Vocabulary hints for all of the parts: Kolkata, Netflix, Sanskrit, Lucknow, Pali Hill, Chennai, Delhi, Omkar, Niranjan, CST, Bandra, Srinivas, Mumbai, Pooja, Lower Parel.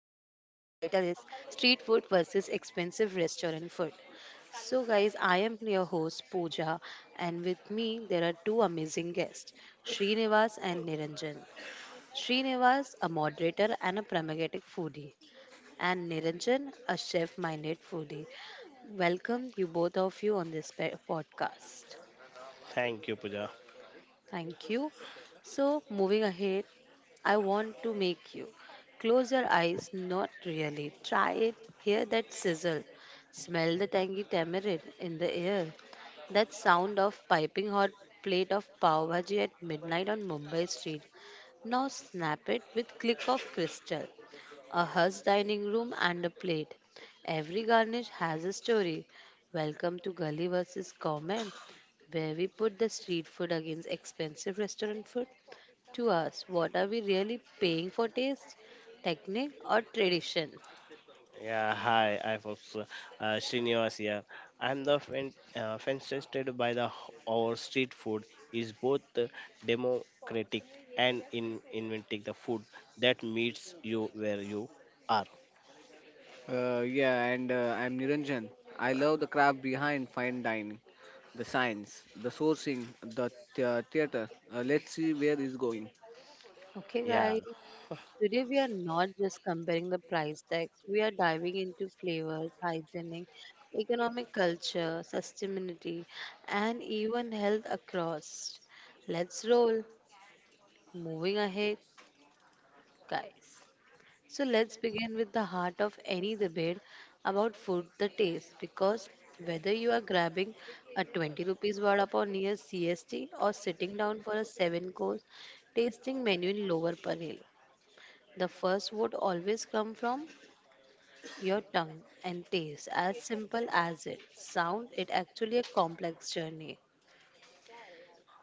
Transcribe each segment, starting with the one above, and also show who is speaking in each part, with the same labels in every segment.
Speaker 1: title is Street Food versus Expensive Restaurant Food. So guys, I am your host Pooja and with me there are two amazing guests, Srinivas and Niranjan. Srinivas, a moderator and a pragmatic foodie, and Niranjan, a chef-minded foodie. Welcome you both of you on this podcast.
Speaker 2: Thank you, Pooja.
Speaker 1: Thank you. So, moving ahead, I want to make you close your eyes, not really. Try it, hear that sizzle, smell the tangy tamarind in the air, that sound of piping hot plate of pav bhaji at midnight on Mumbai street. Now snap it with click of crystal. A hush dining room and a plate. Every garnish has a story. Welcome to Gully versus Comment where we put the street food against expensive restaurant food. To us, what are we really paying for taste, technique, or tradition?
Speaker 2: Yeah, hi, I folks. Srinivas here. I'm the fan, fascinated by our street food is both democratic and in inventing the food that meets you where you are.
Speaker 3: Yeah, and I'm Niranjan. I love the craft behind fine dining, the science, the sourcing, theater. Let's see where it's going.
Speaker 1: Okay,
Speaker 2: Yeah.
Speaker 1: guys, today we are not just comparing the price tags, we are diving into flavors, hygienic, economic culture, sustainability, and even health across. Let's roll. Moving ahead, guys. So let's begin with the heart of any debate about food, the taste, because whether you are grabbing a 20 rupees vada pav near CST or sitting down for a seven course tasting menu in Lower Parel, the first would always come from your tongue and taste as simple as it sounds. It actually a complex journey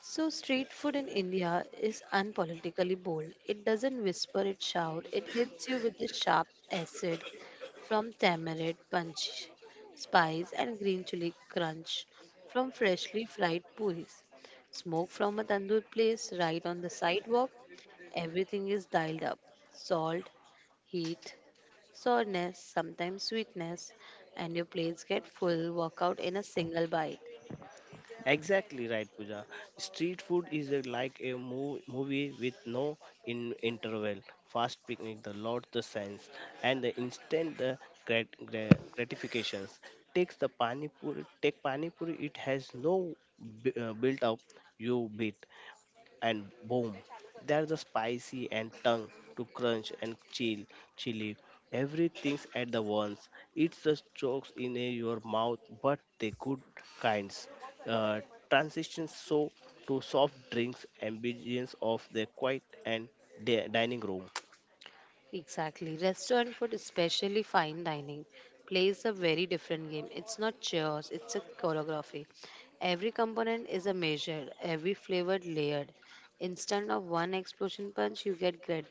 Speaker 1: so, street food in India is unpolitically bold. It doesn't whisper, it shouts. It hits you with the sharp acid from tamarind punch, spice, and green chili crunch from freshly fried puris. Smoke from a tandoor place right on the sidewalk. Everything is dialed up salt, heat, soreness, sometimes sweetness, and your plates get full workout in a single bite.
Speaker 2: Exactly right, Pooja. Street food like a movie with no interval. Fast picnic, the lot the sense, and the instant the gratifications. Takes the pani puri, take pani puri. It has no built up. You beat and boom, there's a spicy and tongue to crunch and chili. Everything's at the once. It's the chokes in your mouth, but the good kinds. Uh, Transitions so to soft drinks, ambience of the quiet and dining room.
Speaker 1: Exactly. Restaurant food, especially fine dining, plays a very different game. It's not chairs, it's a choreography. Every component is a measure, every flavor layered. Instead of one explosion punch, you get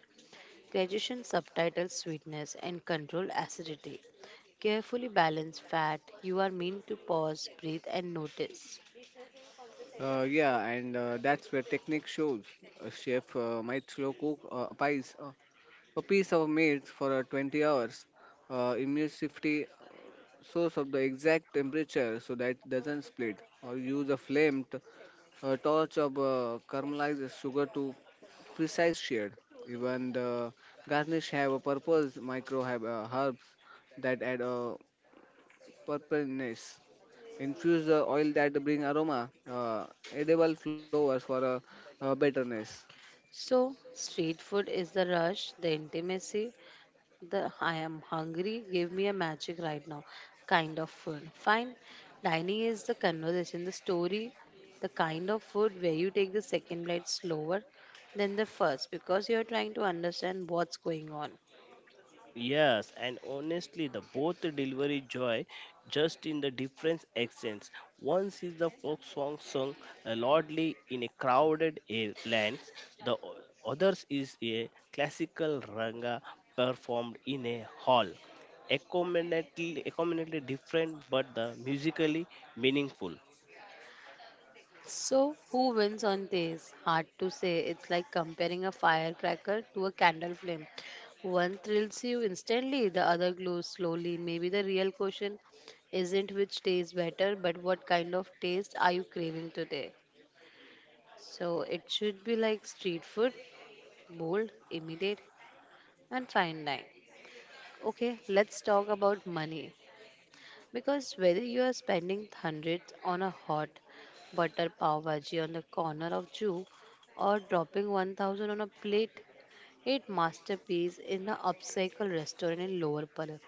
Speaker 1: gradation, subtitle sweetness, and controlled acidity. Carefully balanced fat, you are meant to pause, breathe, and notice.
Speaker 3: Yeah, and That's where technique shows. A chef might slow cook a piece of meat for 20 hours. Immunity source of the exact temperature so that it doesn't split, or use a torch of caramelized sugar to precise shade. Even the garnish have a purpose. Micro have, herbs that add a purpleness. Infuse the oil that bring aroma, edible flowers for betterness.
Speaker 1: So, street food is the rush, the intimacy, the I am hungry, give me a magic right now kind of food. Fine. Dining is the conversation, the story, the kind of food where you take the second bite slower than the first because you're trying to understand what's going on.
Speaker 2: Yes, and honestly, the both the delivery joy just in the different accents. Once is the folk song sung loudly in a crowded lands, the others is a classical ranga performed in a hall. Accommodately different but the musically meaningful.
Speaker 1: So, who wins on this? Hard to say. It's like comparing a firecracker to a candle flame. One thrills you instantly, the other glows slowly. Maybe the real question isn't which tastes better, but what kind of taste are you craving today? So it should be like street food, bold, immediate, and fine line. Okay, let's talk about money. Because whether you are spending hundreds on a hot butter pav bhaji on the corner of Jew or dropping 1000 on a plate, eight masterpiece in an upcycle restaurant in Lower Parel.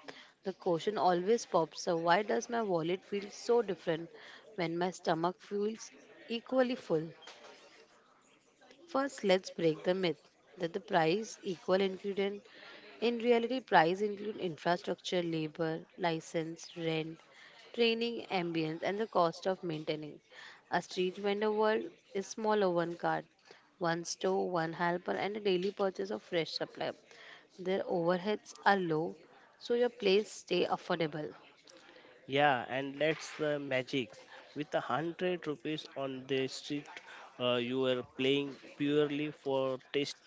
Speaker 1: The question always pops up why does my wallet feel so different when my stomach feels equally full? First, let's break the myth that the price equal ingredient. In reality, price include infrastructure, labor, license, rent, training, ambience, and the cost of maintaining. A street vendor world is smaller one cart, one store, one helper, and a daily purchase of fresh supply. Their overheads are low, so your place stay affordable.
Speaker 2: Yeah, and that's the magic. With ₹100 on the street, you are playing purely for taste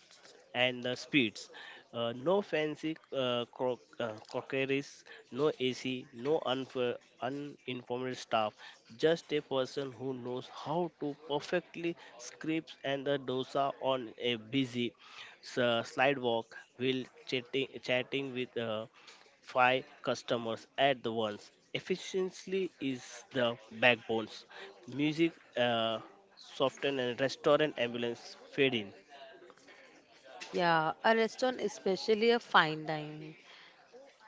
Speaker 2: and the speeds. No fancy crockeries, no AC, no uninformed staff. Just a person who knows how to perfectly scrape and the dosa on a busy slidewalk while chatting with five customers at the once. Efficiency is the backbones. Music, uh, soften and restaurant ambulance fade in.
Speaker 1: Yeah, a restaurant, especially a fine dining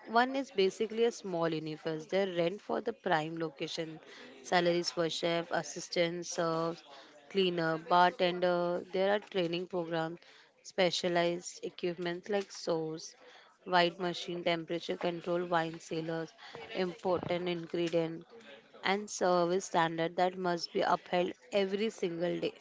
Speaker 1: one is basically a small universe. They rent for the prime location, salaries for chef, assistant, serves, cleaner, bartender. There are training programs, specialized equipment like sauce, white machine, temperature control, wine cellars, important ingredient, and service standard that must be upheld every single day.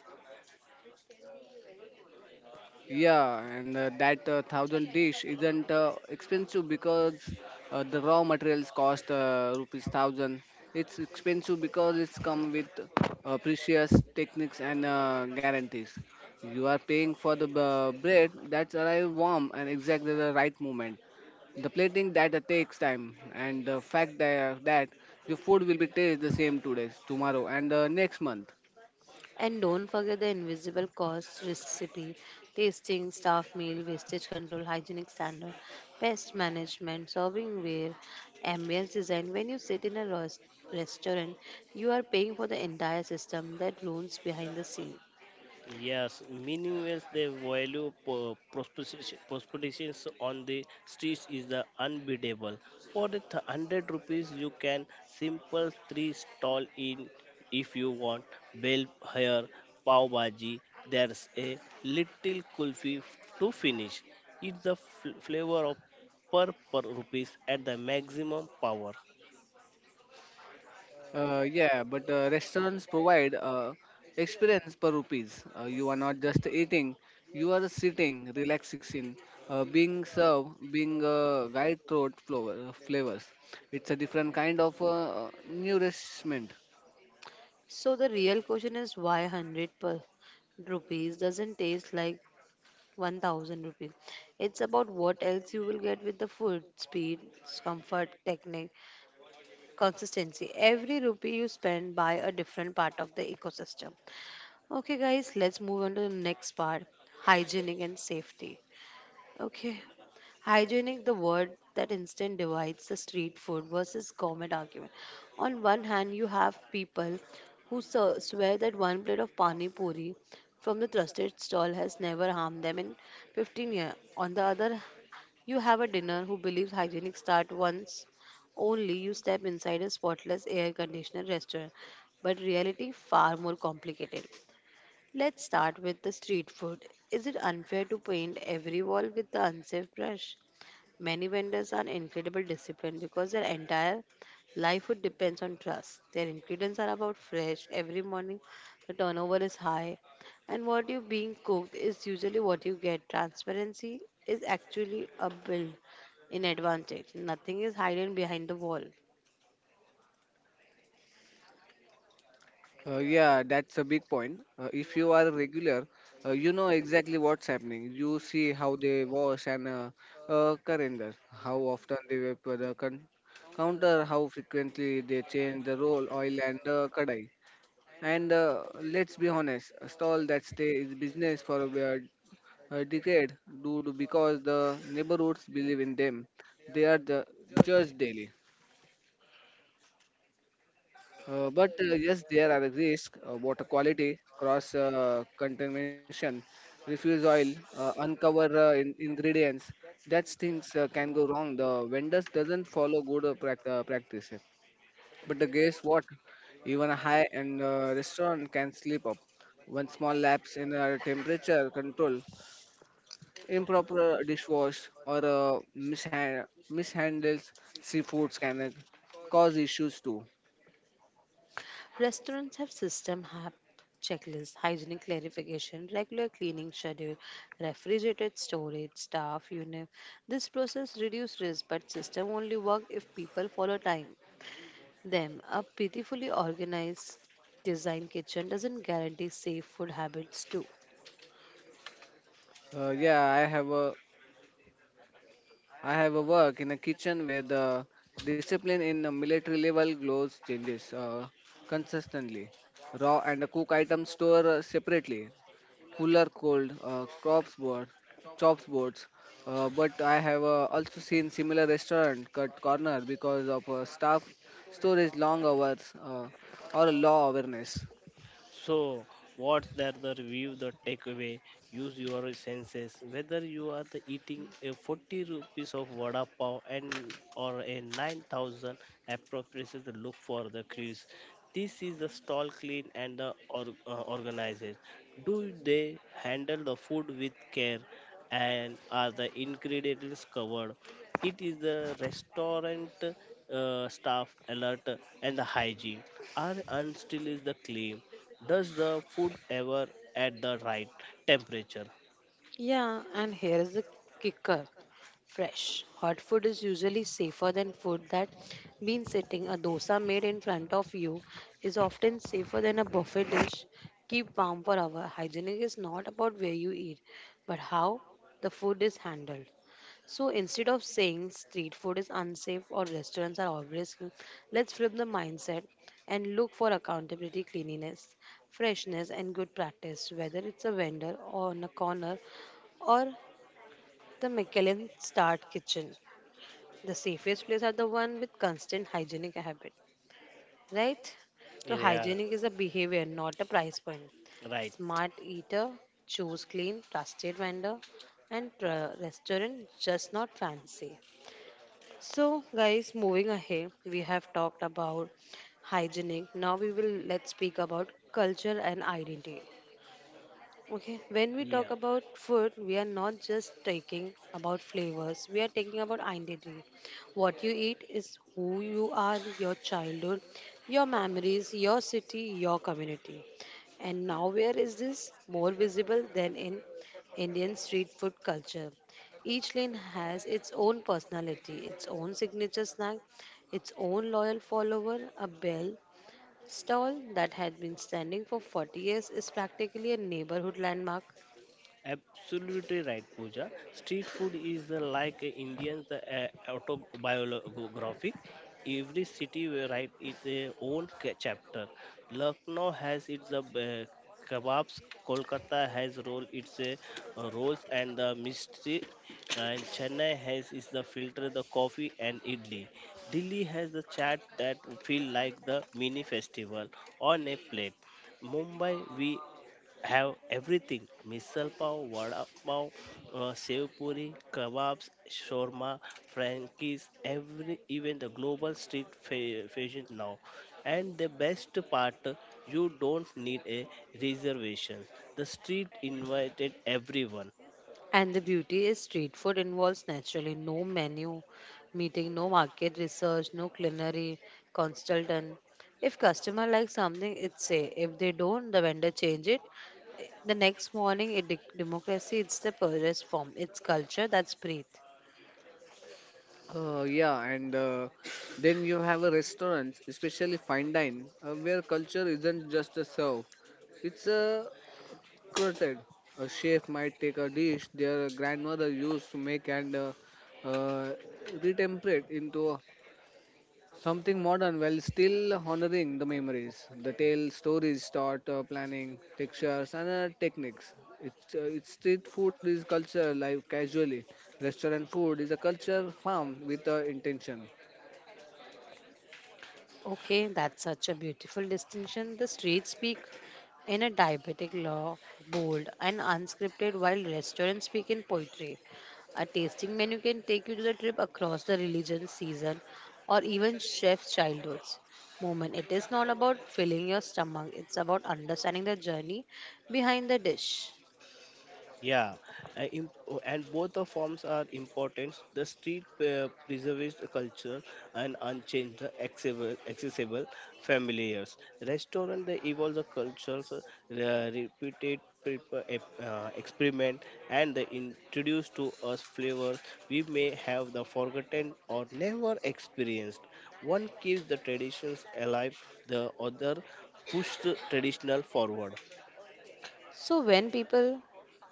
Speaker 3: Yeah, and that thousand dish isn't expensive because the raw materials cost rupees thousand. It's expensive because it's come with precious techniques and guarantees. You are paying for the bread that's arrived warm and exactly the right moment. The plating that takes time, and the fact that your food will be tasted the same today, tomorrow, and next month.
Speaker 1: And don't forget the invisible cost recipe, tasting, staff meal, wastage control, hygienic standard, pest management, serving ware, ambience design. When you sit in a restaurant, you are paying for the entire system that runs behind the scene.
Speaker 2: Yes, meaningless the value proposition propositions on the streets is the unbeatable. For the 100 rupees, you can simple three stall in if you want bell hair pav bhaji. There's a little kulfi to finish. It's the flavor of per rupees at the maximum power.
Speaker 3: Yeah, but Restaurants provide experience per rupees. You are not just eating, you are sitting, relaxing, in, being served, being guide throat flower, flavors. It's a different kind of nourishment.
Speaker 1: So the real question is why 100 per rupees doesn't taste like 1000 rupees. It's about what else you will get with the food, speed, comfort, technique, consistency. Every rupee you spend by a different part of the ecosystem. Okay, guys, let's move on to the next part hygienic and safety. Okay, hygienic, the word that instant divides the street food versus gourmet argument. On one hand, you have people who swear that one plate of pani puri from the trusted stall has never harmed them in 15 years. On the other you have a dinner who believes hygienic start once only you step inside a spotless air conditioned restaurant, but reality far more complicated. Let's start with the street food. Is it unfair to paint every wall with the unsafe brush? Many vendors are incredible disciplined because their entire livelihood depends on trust. Their ingredients are about fresh every morning. The turnover is high, and what you being cooked is usually what you get. Transparency is actually a build in advantage. Nothing is hidden behind the wall.
Speaker 3: Yeah, that's a big point. If you are regular, you know exactly what's happening. You see how they wash and calendar, how often they vapor the counter, how frequently they change the roll, oil, and kadai. And let's be honest, a stall that stay is business for a decade due to because the neighborhoods believe in them. They are the judged daily. But yes, there are risks: water quality, cross contamination, refuse oil, ingredients. That's things can go wrong. The vendors doesn't follow good practice. But the guess what? Even a high-end restaurant can slip up. One small lapse in temperature control, improper dishwash, or mishandles seafoods can cause issues too.
Speaker 1: Restaurants have system have checklists, hygiene clarification, regular cleaning schedule, refrigerated storage, staff, unit. This process reduces risk, but system only work if people follow time. Them a pitifully organized design kitchen doesn't guarantee safe food habits too.
Speaker 3: Uh, yeah, I have a I have a work in a kitchen where the discipline in the military level glows changes consistently. Raw and cook items store separately. Cooler cold, chops boards. But I have also seen similar restaurant cut corner because of staff storage long hours or law awareness.
Speaker 2: So, what's that the review, the takeaway? Use your senses. Whether you are the eating a 40 rupees of vada pav and or a 9,000 appropriates the look for the crease. This is the stall clean and the organized. Do they handle the food with care and are the ingredients covered? It is the restaurant staff alert and the hygiene. Our unstill is the claim. Does the food ever at the right temperature?
Speaker 1: Yeah, and here is the kicker. Fresh. Hot food is usually safer than food that been sitting. A dosa made in front of you is often safer than a buffet dish. Keep warm for hour. Hygienic is not about where you eat, but how the food is handled. So instead of saying street food is unsafe or restaurants are always clean, let's flip the mindset and look for accountability, cleanliness, freshness, and good practice, whether it's a vendor or on a corner or the Michelin starred Kitchen. The safest place are the one with constant hygienic habit, right? So
Speaker 2: Yeah,
Speaker 1: hygienic is a behavior, not a price point.
Speaker 2: right.
Speaker 1: Smart eater, choose clean, trusted vendor, and restaurant just not fancy. So guys, moving ahead, we have talked about hygienic. Now we will let's speak about culture and identity. Okay, when we talk
Speaker 2: Yeah.
Speaker 1: about food, we are not just talking about flavors, we are talking about identity. What you eat is who you are, your childhood, your memories, your city, your community. And now, where is this more visible than in Indian street food culture? Each lane has its own personality, its own signature snack, its own loyal follower, a bell stall that had been standing for 40 years is practically a neighborhood landmark.
Speaker 2: Absolutely right, Pooja. Street food is like Indian autobiographic. Every city will write its own chapter. Lucknow has its kebabs. Kolkata has roll its rolls and the mystery. And Chennai has is the filter, the coffee and idli. Delhi has the chat that feel like the mini festival on a plate. Mumbai, we have everything misal pav, vada pav, sev puri, kebabs, shawarma, frankies, every even the global street fashion now. And the best part, you don't need a reservation. The street invited everyone.
Speaker 1: And the beauty is street food involves naturally no menu, meeting, no market research, no culinary consultant. If customer likes something, it's say. If they don't, the vendor change it. The next morning, it, democracy, it's the purest form. It's culture that's breathe.
Speaker 3: Yeah, and Then you have a restaurant, especially fine dine, where culture isn't just a serve; it's a croquette. A chef might take a dish their grandmother used to make and uh, retemperate into something modern while still honoring the memories, the tale, stories, thought, planning, textures, and techniques. It's Street food is culture live casually. Restaurant food is a culture farm with intention.
Speaker 1: Okay, that's such a beautiful distinction. The streets speak in a diabetic law, bold and unscripted, while restaurants speak in poetry. A tasting menu can take you to the trip across the religion, season, or even chef's childhoods. Moment. It is not about filling your stomach, it's about understanding the journey behind the dish.
Speaker 2: Yeah, oh, and both the forms are important. The street preserves the culture and unchanged, the accessible familiars. Restaurant they evolve the cultures, repeated experiment, and they introduce to us flavors we may have the forgotten or never experienced. One keeps the traditions alive, the other pushes the traditional forward.
Speaker 1: So when people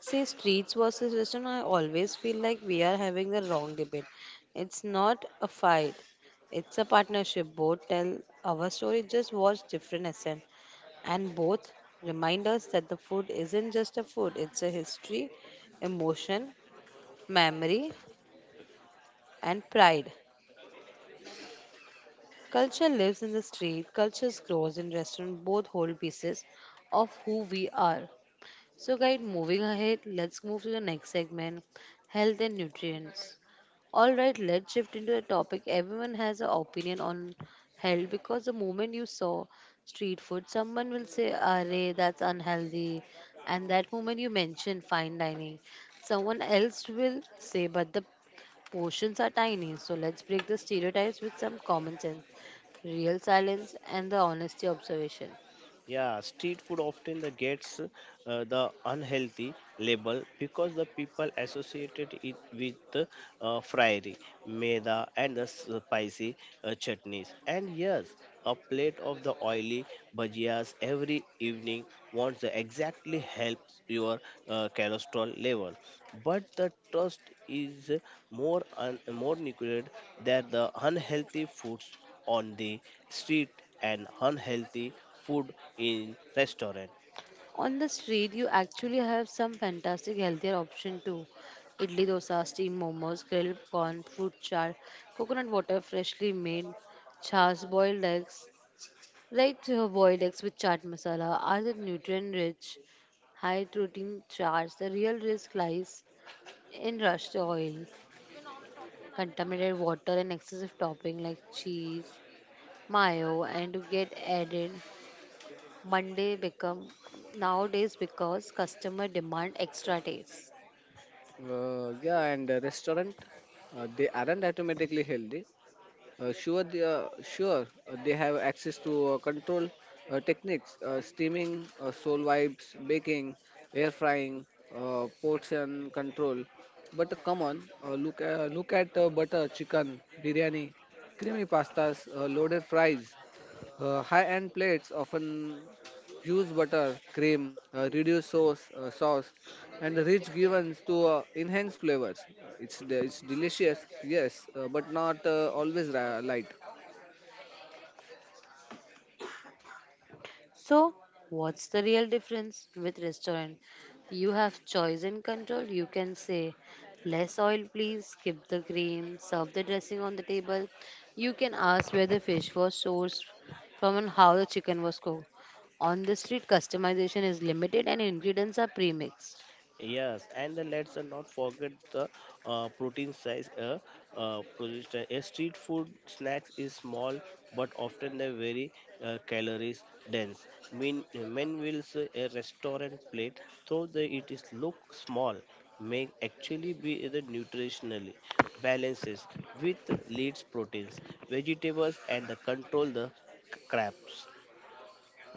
Speaker 1: say streets versus western, I always feel like we are having the wrong debate. It's not a fight. It's a partnership. Both tell our story, just watch different accent, and both remind us that the food isn't just a food, it's a history, emotion, memory, and pride. Culture lives in the street, cultures grows in restaurant, both hold pieces of who we are. So, guys, moving ahead, let's move to the next segment health and nutrients. All right, let's shift into a topic everyone has an opinion on health because the moment you saw street food, someone will say, "Arey, that's unhealthy." And that moment you mention fine dining, someone else will say, "But the portions are tiny." So, let's break the stereotypes with some common sense, real silence, and the honesty observation.
Speaker 2: Yeah, street food often the gets the unhealthy label because the people associated it with fryery, meda, and the spicy chutneys. And yes, a plate of the oily bhajias every evening wants the exactly helps your cholesterol level. But the trust is more nucleated than the unhealthy foods on the street and unhealthy food in restaurant.
Speaker 1: On the street, you actually have some fantastic healthier option too. Idli dosa, steamed momos, grilled corn, fruit chaat, coconut water freshly made, chas, boiled eggs, right? Boiled eggs with chaat masala are the nutrient rich, high protein charts. The real risk lies in rushed oil, contaminated water, and excessive topping like cheese, mayo, and to get added Monday become nowadays because customer demand extra days.
Speaker 3: Yeah, and the restaurant, they aren't automatically healthy. Sure, they have access to control techniques, steaming, soul vibes, baking, air frying, portion control. But come on, look look at butter chicken, biryani, creamy pastas, loaded fries. High-end plates often use butter, cream, sauce, and rich givens to enhance flavors. It's delicious, yes, but not light.
Speaker 1: So what's the real difference with restaurant? You have choice and control. You can say less oil please, skip the cream, serve the dressing on the table. You can ask where the fish was sourced from and how the chicken was cooked. On the street customization is limited and ingredients are pre-mixed.
Speaker 2: Yes, and then let's not forget the protein size. A street food snacks is small, but often they're very calories dense. Mean men will say a restaurant plate, though the it is look small, may actually be the nutritionally balances with leads proteins, vegetables, and the control the crabs.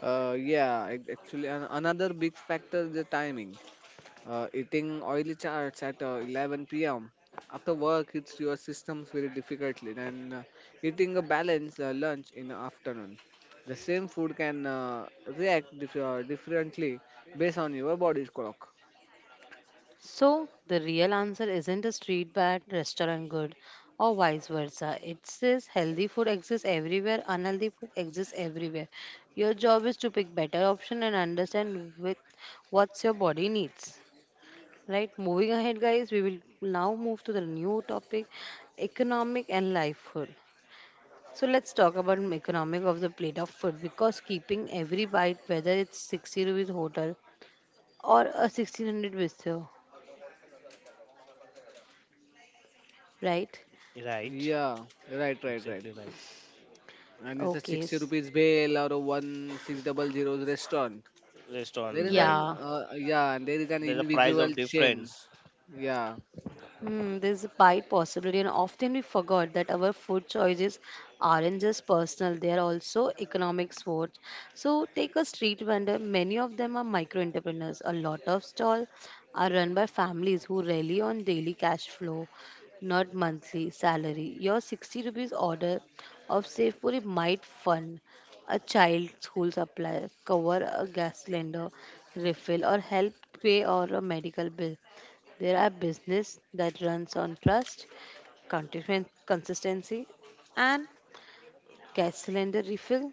Speaker 3: Actually, another big factor is the timing. Eating oily charts at 11 p.m. after work, hits your systems very difficultly. Then eating a balanced lunch in the afternoon. The same food can differently based on your body's clock.
Speaker 1: So, the real answer isn't a street bad, restaurant good, or vice versa. It says healthy food exists everywhere, unhealthy food exists everywhere. Your job is to pick better option and understand with what's your body needs. Right? Moving ahead, guys, we will now move to the new topic, economic and life food. So let's talk about economic of the plate of food because keeping every bite, whether it's 60 rupees hotel or a 1600 bistro, right?
Speaker 2: Right,
Speaker 3: Yeah, right.
Speaker 2: exactly right.
Speaker 3: And it's a
Speaker 1: Okay.
Speaker 3: 60
Speaker 1: s-
Speaker 3: rupees bail or a 1600 restaurant. There
Speaker 2: Restaurant,
Speaker 3: is
Speaker 2: right.
Speaker 3: an
Speaker 1: Yeah.
Speaker 3: yeah, and there is an
Speaker 2: There's a price of
Speaker 3: individual chain.
Speaker 2: difference.
Speaker 3: Yeah,
Speaker 1: There's a wide possibility, and often we forgot that our food choices aren't just personal, they are also economic sports. So, take a street vendor, many of them are micro entrepreneurs. A lot of stalls are run by families who rely on daily cash flow, not monthly salary. Your 60 rupees order of safe food might fund a child's school supply, cover a gas cylinder refill, or help pay or a medical bill. There are business that runs on trust, consistency, and cash cylinder refill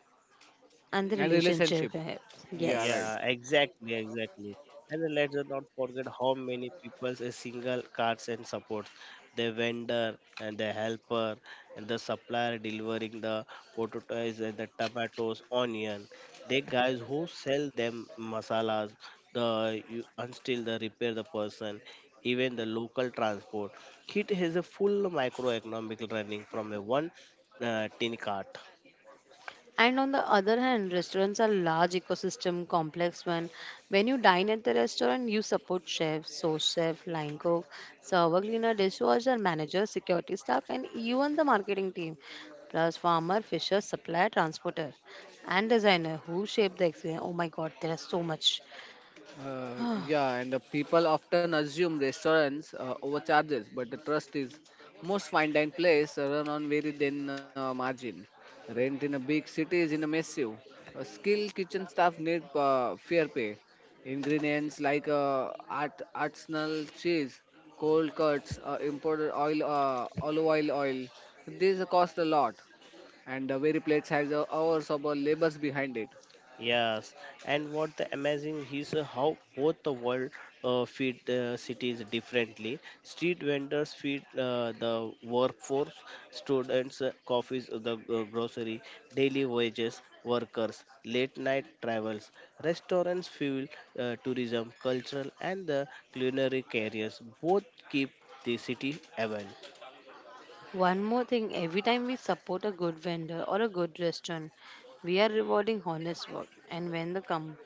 Speaker 1: and the
Speaker 3: and relationship.
Speaker 1: relationship we have.
Speaker 3: Yeah, right.
Speaker 2: Yeah,
Speaker 1: Yes.
Speaker 2: exactly, and then let's not forget how many people a single cards and supports the vendor and the helper and the supplier delivering the potatoes and the tomatoes onion they guys who sell them masalas the you, and still the repair the person even the local transport. It has a full microeconomic running from a one tin cart.
Speaker 1: And on the other hand, restaurants are large ecosystem complex one. When you dine at the restaurant, you support chef, sous chef, line cook, server cleaner, dishwasher, manager, security staff, and even the marketing team, plus farmer, fisher, supplier, transporter, and designer who shape the experience. Oh my God, there are so much.
Speaker 3: Uh, yeah, and the people often assume restaurants overcharges, but the trust is most fine dine place run on very thin margin. Rent in a big city is in a massive. Skilled kitchen staff need fair pay. Ingredients like artisanal cheese, cold cuts, olive oil. These cost a lot, and the very plates has hours of labors behind it.
Speaker 2: Yes, and what the amazing is how both the world feed cities differently. Street vendors feed the workforce, students, coffees, the grocery, daily wages, workers, late night travels. Restaurants fuel tourism, cultural, and the culinary careers. Both keep the city alive.
Speaker 1: One more thing, every time we support a good vendor or a good restaurant, we are rewarding honest work. And when the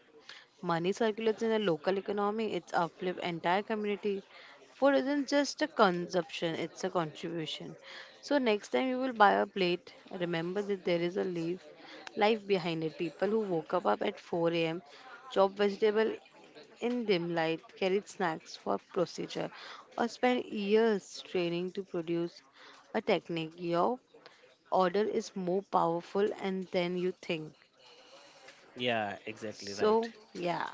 Speaker 1: money circulates in the local economy, it's uplift entire community. Food isn't just a consumption, it's a contribution. So next time you will buy a plate, remember that there is a leaf life behind it. People who woke up at 4 a.m., chop vegetable in dim light, carried snacks for procedure, or spent years training to produce a technique. Your order is more powerful and than you think.
Speaker 2: Yeah, exactly right.
Speaker 1: So, yeah.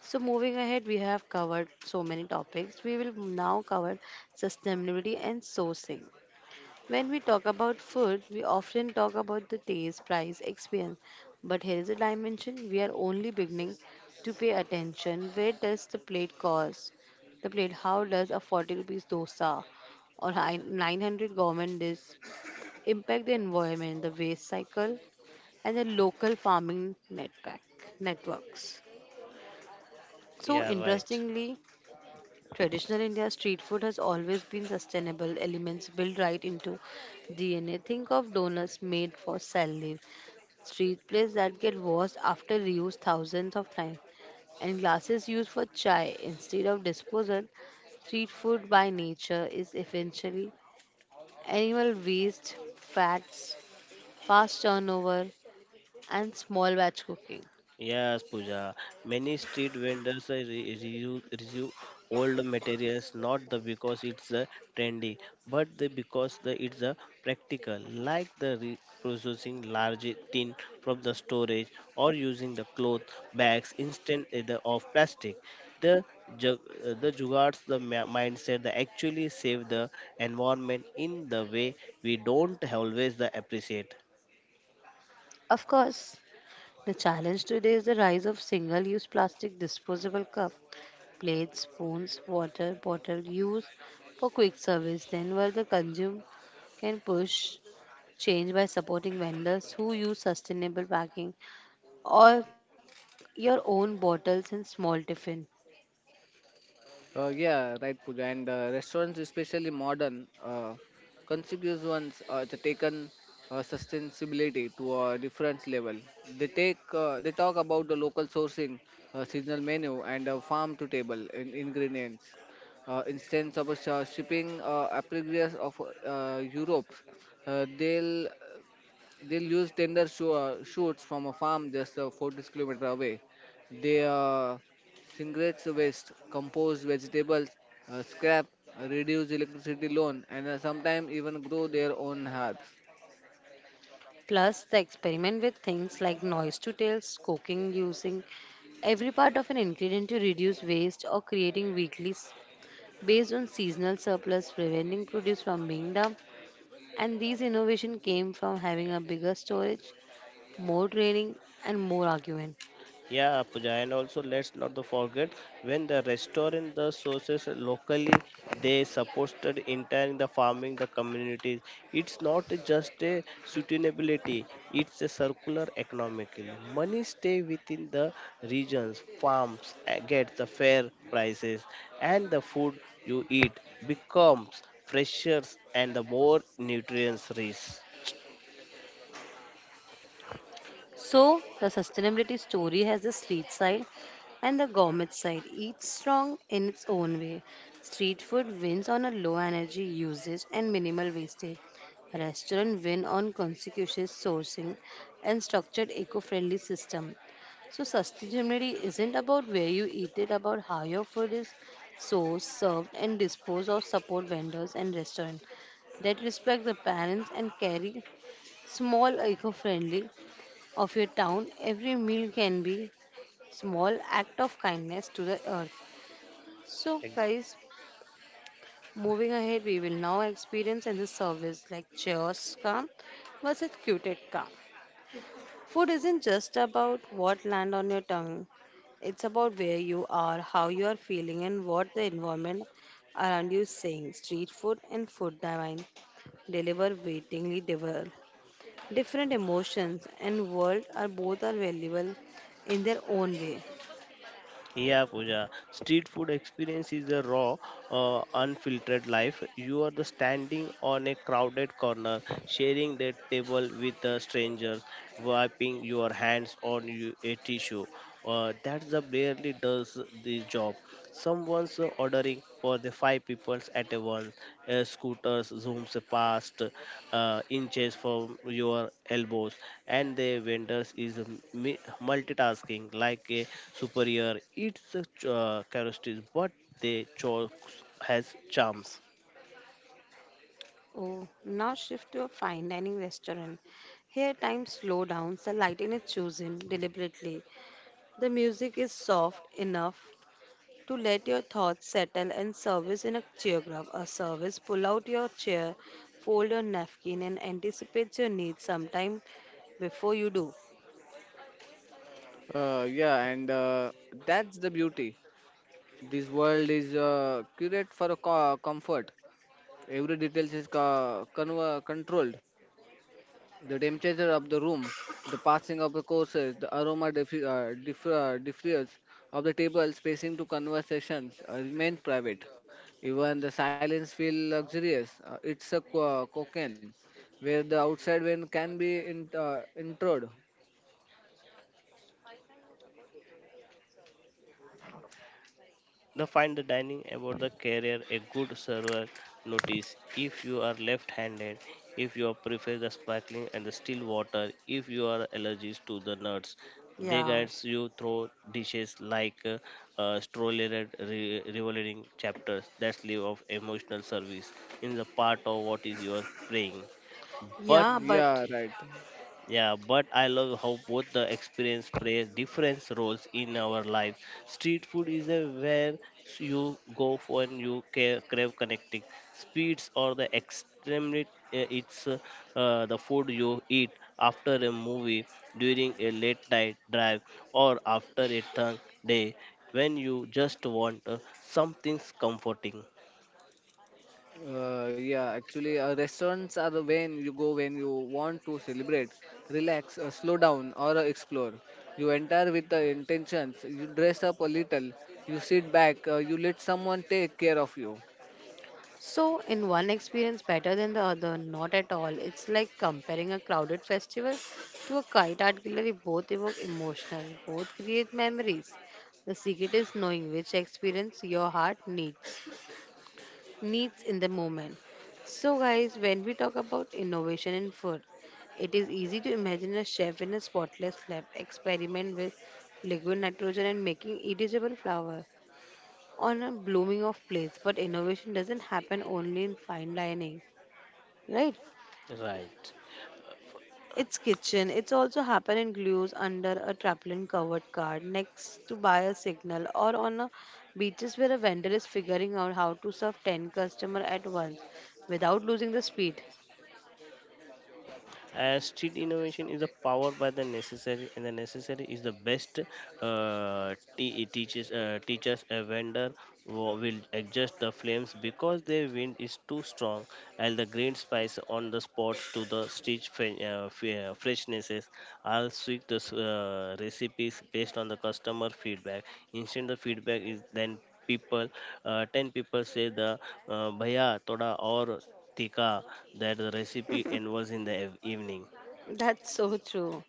Speaker 1: So, moving ahead, we have covered so many topics. We will now cover sustainability and sourcing. When we talk about food, we often talk about the taste, price, experience. But here is a dimension we are only beginning to pay attention. Where does the plate cost? The plate, how does a 40 rupees dosa or hi- 900 government dish impact the environment, the waste cycle, and the local farming networks? So,
Speaker 2: Yeah, right.
Speaker 1: interestingly, traditional India street food has always been sustainable elements built right into DNA. Think of donuts made for cell leaf, street plates that get washed after reuse thousands of times, and glasses used for chai instead of disposal. Street food by nature is essentially animal waste, fats, fast turnover, and small batch cooking.
Speaker 2: Yes, Pooja. Many street vendors reuse old materials not the because it's trendy, but the because the it's practical, like the processing large tin from the storage or using the cloth bags instead of plastic. The jug, the jugards the mindset that actually save the environment in the way we don't always the appreciate.
Speaker 1: Of course, the challenge today is the rise of single use plastic disposable cup plates, spoons, water, bottle used for quick service. Then, the consumer can push change by supporting vendors who use sustainable packing or your own bottles in small tiffin.
Speaker 3: Yeah, right, Pooja. And restaurants, especially modern, contiguous ones, they taken sustainability to a different level. They talk about the local sourcing, seasonal menu, and farm to table in ingredients. Instance of shipping apparatus of Europe, uh, they'll they'll use shoots from a farm just 40 kilometers away. They segregate waste, compost vegetables, scrap, reduce electricity loan, and sometimes even grow their own herbs.
Speaker 1: Plus, the experiment with things like noise to tails, cooking using every part of an ingredient to reduce waste or creating weeklies based on seasonal surplus preventing produce from being dumped and these innovation came from having a bigger storage, more training, and more argument.
Speaker 2: Yeah, Pooja, and also let's not to forget when the restaurant the sources locally they supported entire the farming the communities. It's not just a sustainability; it's a circular economically. Money stay within the regions, farms get the fair prices, and the food you eat becomes fresher and the more nutrients rich.
Speaker 1: So, the sustainability story has the street side and the gourmet side, each strong in its own way. Street food wins on a low energy usage and minimal wastage. Restaurant win on conscientious sourcing and structured eco-friendly system. So sustainability isn't about where you eat it, about how your food is sourced, served, and disposed of. Support vendors and restaurants that respect the parents and carry small eco-friendly of your town. Every meal can be small act of kindness to the earth. So guys, moving ahead, we will now experience in the service like chaos calm versus cuted calm. Food isn't just about what land on your tongue. It's about where you are, how you are feeling, and what the environment around you is saying. Street food and food divine deliver waitingly different emotions and world are both are valuable in their own way.
Speaker 2: Yeah, Pooja. Street food experience is a raw, unfiltered life. You are the standing on a crowded corner, sharing the table with a stranger, wiping your hands on a tissue. That's the barely does this job. Someone's ordering for the five peoples at a once. Scooters zooms past inches from your elbows, and the vendors is mi- multitasking like a superior. It's a characteristic, but the chokes has charms.
Speaker 1: Oh, now shift to a fine dining restaurant. Here time slow down, the lighting is chosen deliberately. The music is soft enough to let your thoughts settle and service in a choreograph. A service pull out your chair, fold your napkin and anticipate your needs sometime before you do.
Speaker 3: Yeah, and that's the beauty. This world is curated for comfort. Every detail is controlled. The temperature of the room, the passing of the courses, the aroma diffuse of the table spacing to conversations remain private. Even the silence feel luxurious. It's a cocaine where the outside wind can be intrude.
Speaker 2: The find the dining about the career a good server notice if you are left-handed, if you prefer the sparkling and the still water, if you are allergies to the nuts. They
Speaker 1: Yeah.
Speaker 2: guides you through dishes like stroller revolving chapters that live of emotional service in the part of what is your praying. But
Speaker 1: Yeah, but
Speaker 3: Yeah, right.
Speaker 2: yeah, but I love how both the experience plays different roles in our lives. Street food is a where you go for and you crave connecting speeds or the extremely it's the food you eat after a movie, during a late night drive, or after a long day when you just want something comforting.
Speaker 3: Yeah, Actually, restaurants are the when you go when you want to celebrate, relax, slow down, or explore. You enter with the intentions. You dress up a little. You sit back. You let someone take care of you.
Speaker 1: so, in one experience better than the other? Not at all. It's like comparing a crowded festival to a kite art gallery. Both evoke emotional, both create memories. The secret is knowing which experience your heart needs in the moment. So, guys, when we talk about innovation in food, it is easy to imagine a chef in a spotless lab experiment with liquid nitrogen and making edible flour on a blooming of place, but innovation doesn't happen only in fine dining, right?
Speaker 2: Right.
Speaker 1: It's kitchen, it's also happen in glues under a trampoline covered card next to buy a signal or on a beaches where a vendor is figuring out how to serve 10 customer at once without losing the speed.
Speaker 2: As street innovation is the power by the necessary, and the necessary is the best. Teaches a vendor will adjust the flames because their wind is too strong, and the green spice on the spot to the street freshnesses. I'll tweak the recipes based on the customer feedback. Instead, the feedback is then people 10 people say the bhaiya thoda aur tikka that the recipe involves in the evening.
Speaker 1: That's so true.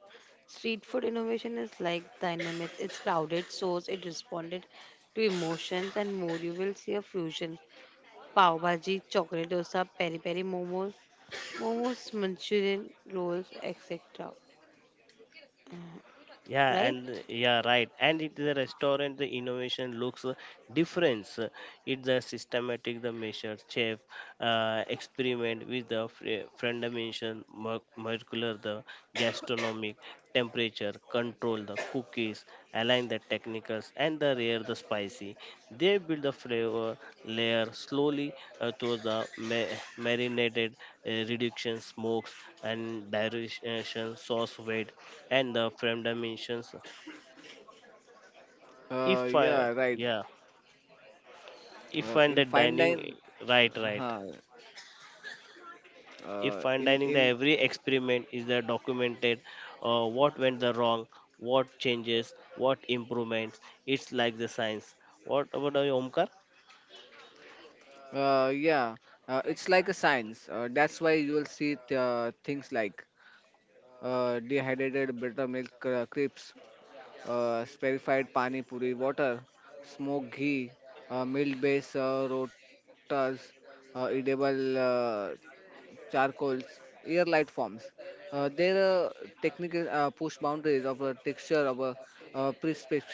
Speaker 1: Street food innovation is like dynamics, it's crowded so it responded to emotions and more you will see a fusion pav bhaji chocolate dosa peri peri momos Manchurian rolls, etc.
Speaker 2: Yeah,
Speaker 1: Right?
Speaker 2: and yeah, right, and it the restaurant the innovation looks difference. It the systematic the measure chef experiment with the friend dimension molecular the gastronomic temperature control the cookies align the technicals and the rare the spicy, they build the flavor layer slowly to the marinated reduction smokes and dilution sauce weight and the frame dimensions.
Speaker 3: Uh,
Speaker 2: If
Speaker 3: yeah,
Speaker 2: I
Speaker 3: right.
Speaker 2: Yeah, if I'm the
Speaker 3: In fine
Speaker 2: dining,
Speaker 3: dine,
Speaker 2: right.
Speaker 3: uh,
Speaker 2: If
Speaker 3: uh,
Speaker 2: I'm
Speaker 3: in
Speaker 2: dining, the
Speaker 3: in
Speaker 2: every experiment is there documented, what went the wrong, what changes, what improvements. It's like the science. What about you, Omkar?
Speaker 3: uh, yeah, it's like a science. That's why you will see things like dehydrated buttermilk crepes, spherified pani puri water, smoked ghee, milk-based rotas, edible charcoals, air light forms. Their technical push boundaries of a texture of a prescription.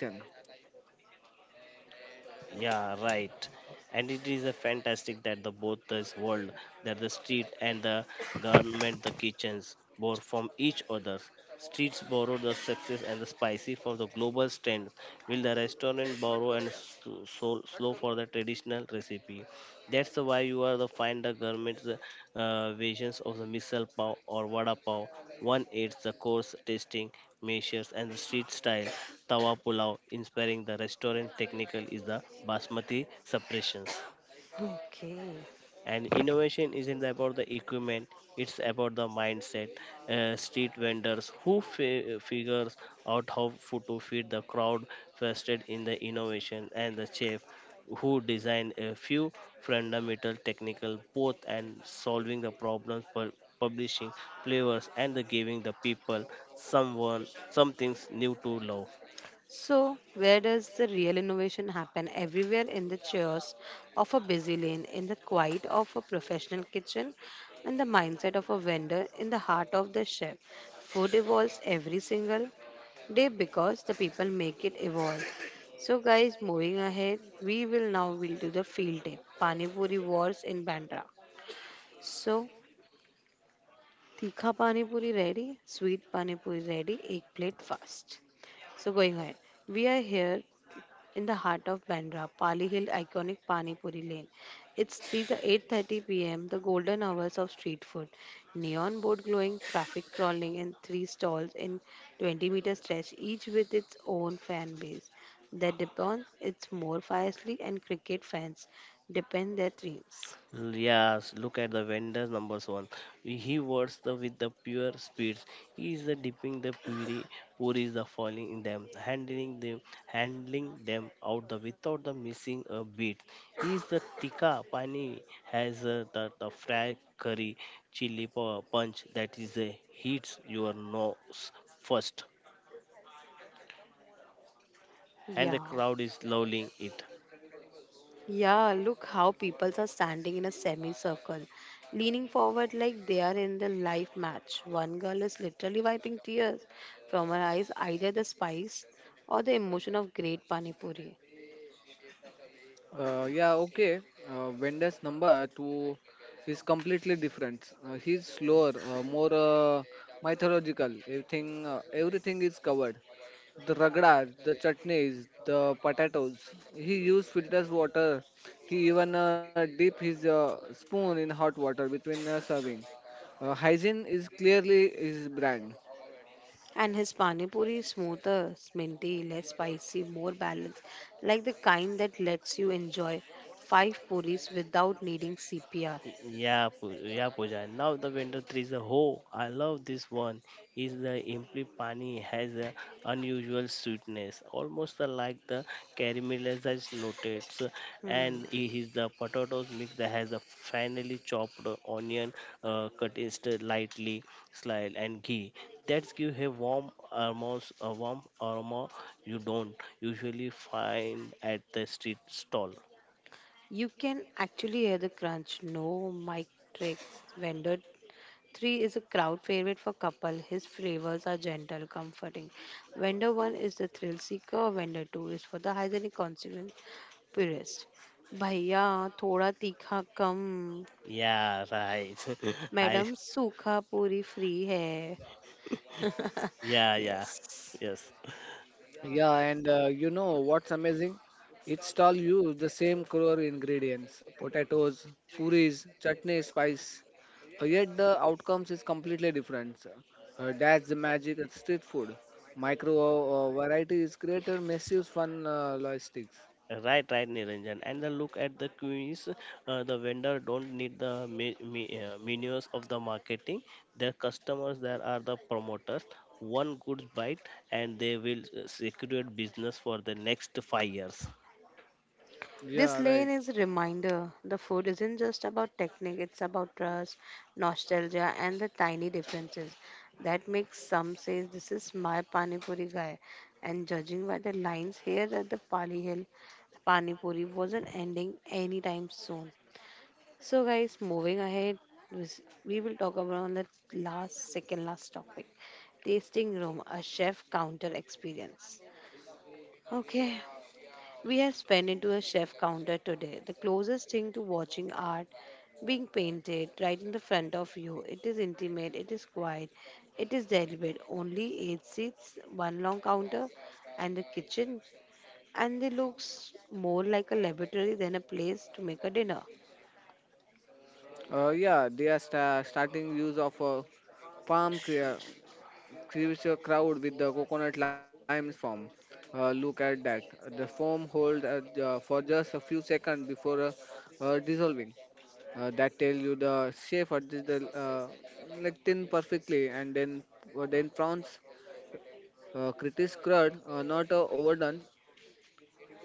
Speaker 2: Yeah, right. And it is a fantastic that the both this world, that the street and the government, the kitchens, borrow from each other. Streets borrow the success and the spicy for the global trend. Will the restaurant borrow and so slow for the traditional recipe? That's the why you are the find the government's versions of the misal pav or vada pav. One aids the course tasting measures and the street style Tawa Pulao inspiring the restaurant technical is the basmati suppressions.
Speaker 1: Okay.
Speaker 2: And innovation isn't about the equipment, it's about the mindset. Street vendors who figures out how to feed the crowd trusted in the innovation and the chef who design a few fundamental technical both and solving the problems for publishing flavors and the giving the people someone some things new to love.
Speaker 1: So, where does the real innovation happen? Everywhere in the chaos of a busy lane, in the quiet of a professional kitchen, in the mindset of a vendor, in the heart of the chef. Food evolves every single day because the people make it evolve. So, guys, moving ahead, we will now will do the field day. Pani Puri Wars in Bandra. So, tikha pani puri ready, sweet pani puri ready, egg plate fast. So going ahead, we are here in the heart of Bandra, Pali Hill iconic pani puri lane. It's 3 to 8:30 p.m. the golden hours of street food. Neon board glowing, traffic crawling, and three stalls in 20-meter stretch, each with its own fan base. That depends. It's more fiercely and cricket fans depend their dreams.
Speaker 2: Yes, look at the vendors numbers one. He works the with the pure spirits. He is the dipping the puri is the falling in them, handling them out the without the missing a beat. He is the tikka pani has the fried curry, chili punch that is hits your nose first, and the
Speaker 1: Yeah.
Speaker 2: crowd is loving it.
Speaker 1: Yeah, look how people are standing in a semicircle, leaning forward like they are in the life match. One girl is literally wiping tears from her eyes, either the spice or the emotion of great panipuri.
Speaker 3: Uh, yeah, okay. Vendor's number two is completely different. He's slower, more mythological. Everything, everything is covered. The ragdas, the chutneys, the potatoes. He used filters water. He even dipped his spoon in hot water between serving. Hygiene is clearly his brand.
Speaker 1: And his panipuri is smoother, minty, less spicy, more balanced, like the kind that lets you enjoy five puris without needing CPR.
Speaker 2: Yeah, Pooja. Now the vendor three is a ho. I love this one. Is the imli pani has a unusual sweetness, almost the like the caramelized notes,
Speaker 1: Hmm.
Speaker 2: and it is the potatoes mix that has a finely chopped onion, cut instead lightly, sliced and ghee. That give a warm almost a warm aroma you don't usually find at the street stall.
Speaker 1: You can actually hear the crunch. No mic trick. Vendor three is a crowd favorite for couple. His flavors are gentle, comforting. Vendor one is the thrill seeker. Vendor two is for the hygienic consonant purist. भैया थोड़ा तीखा कम
Speaker 2: Yeah, right. I.
Speaker 1: Madam सूखा puri free है
Speaker 2: Yeah,
Speaker 1: yes.
Speaker 2: yes,
Speaker 3: Yeah, and you know what's amazing? Each stall used the same core ingredients: potatoes, puris, chutney, spice. Yet the outcomes is completely different. That's the magic of street food. Micro variety is created massive fun logistics.
Speaker 2: right, Niranjan. And the look at the queens, the vendor don't need the menus of the marketing. Their customers, there are the promoters. One good bite, and they will secure business for the next 5 years.
Speaker 3: Yeah,
Speaker 1: This
Speaker 3: right.
Speaker 1: lane is a reminder the food isn't just about technique, it's about trust, nostalgia, and the tiny differences that makes some say this is my Pani Puri guy. And judging by the lines here at the Pali Hill, Pani Puri wasn't ending anytime soon. So, guys, moving ahead, this- we will talk about the last, second last topic tasting room, a chef counter experience. Okay, we have spent into a chef counter today. The closest thing to watching art being painted right in the front of you. It is intimate, it is quiet, it is deliberate. Only eight seats, one long counter, and the kitchen, and it looks more like a laboratory than a place to make a dinner.
Speaker 3: Yeah, they are starting use of palm crea- creates a crowd with the coconut lime form. Look at that. The foam hold for just a few seconds before dissolving. That tell you the shape of this the like thin perfectly and then prawns critis crud not overdone.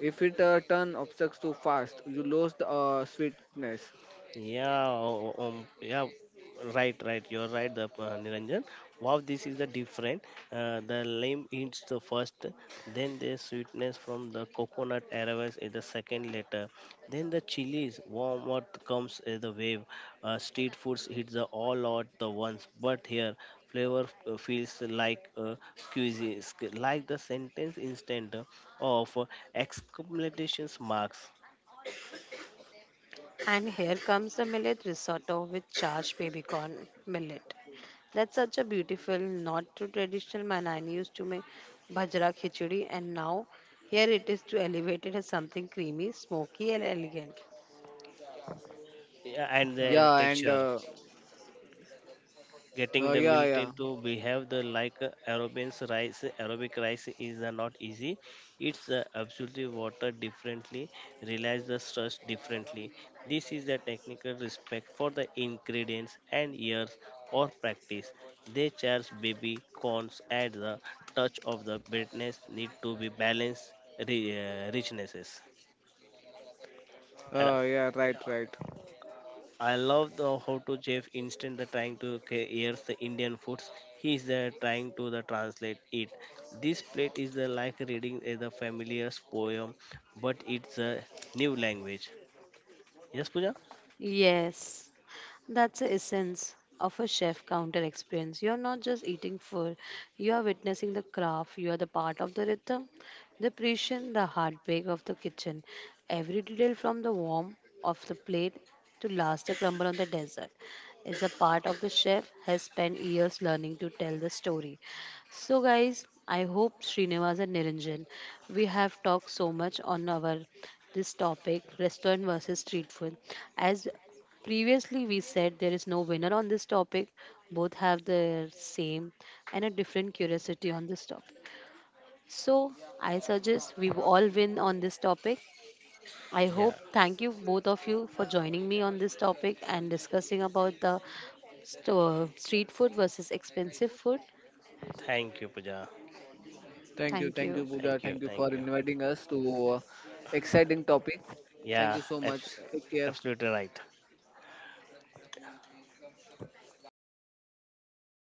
Speaker 3: If it turn obstructs too fast, you lose the sweetness.
Speaker 2: Yeah, right. You're right, the Niranjan. Wow, this is a different. The lime is the first, then the sweetness from the coconut arrives is the second later. Then the chilies, warm what comes as the wave. Street foods hits the all out the ones, but here flavor feels like like the sentence instant of exclamation marks.
Speaker 1: And here comes the millet risotto with charged baby corn millet. That's such a beautiful, not too traditional man. I used to make bhajra khichdi, and now here it is to elevate it as something creamy, smoky, and elegant.
Speaker 2: Yeah, and the
Speaker 3: Yeah, and
Speaker 2: texture. Getting
Speaker 3: uh,
Speaker 2: the
Speaker 3: yeah,
Speaker 2: military
Speaker 3: yeah.
Speaker 2: to behave the like a aerobians rice aerobic rice is the not easy. It's absolutely water differently, realize the stress differently. This is the technical respect for the ingredients and years or practice. They charge baby corns at the touch of the bitterness need to be balanced richnesses.
Speaker 3: Uh, yeah, right, right.
Speaker 2: I love the how to chef instant the trying to hear the Indian foods. He is the trying to the translate it. This plate is the like reading a the familiar poem, but it's a new language. Yes, Puja.
Speaker 1: Yes, that's the essence of a chef counter experience. You're not just eating food, you are witnessing the craft, you are the part of the rhythm, the precision, the heartbreak of the kitchen. Every detail from the warmth of the plate to last the crumble on the desert is a part of the chef has spent years learning to tell the story. So guys, I hope Srinivas and Niranjan, we have talked so much on our this topic restaurant versus street food. As previously we said, there is no winner on this topic. Both have the same and a different curiosity on this topic. So I suggest we all win on this topic. I hope
Speaker 2: Yeah.
Speaker 1: thank you both of you for joining me on this topic and discussing about the street food versus expensive food.
Speaker 2: Thank you, Puja.
Speaker 3: Thank you,
Speaker 1: Thank you.
Speaker 3: Pooja.
Speaker 2: Thank you.
Speaker 3: Thank you for
Speaker 2: Thank you.
Speaker 3: inviting us to exciting topic. Thank
Speaker 2: Yeah.
Speaker 3: you so much. Take care.
Speaker 2: Absolutely right.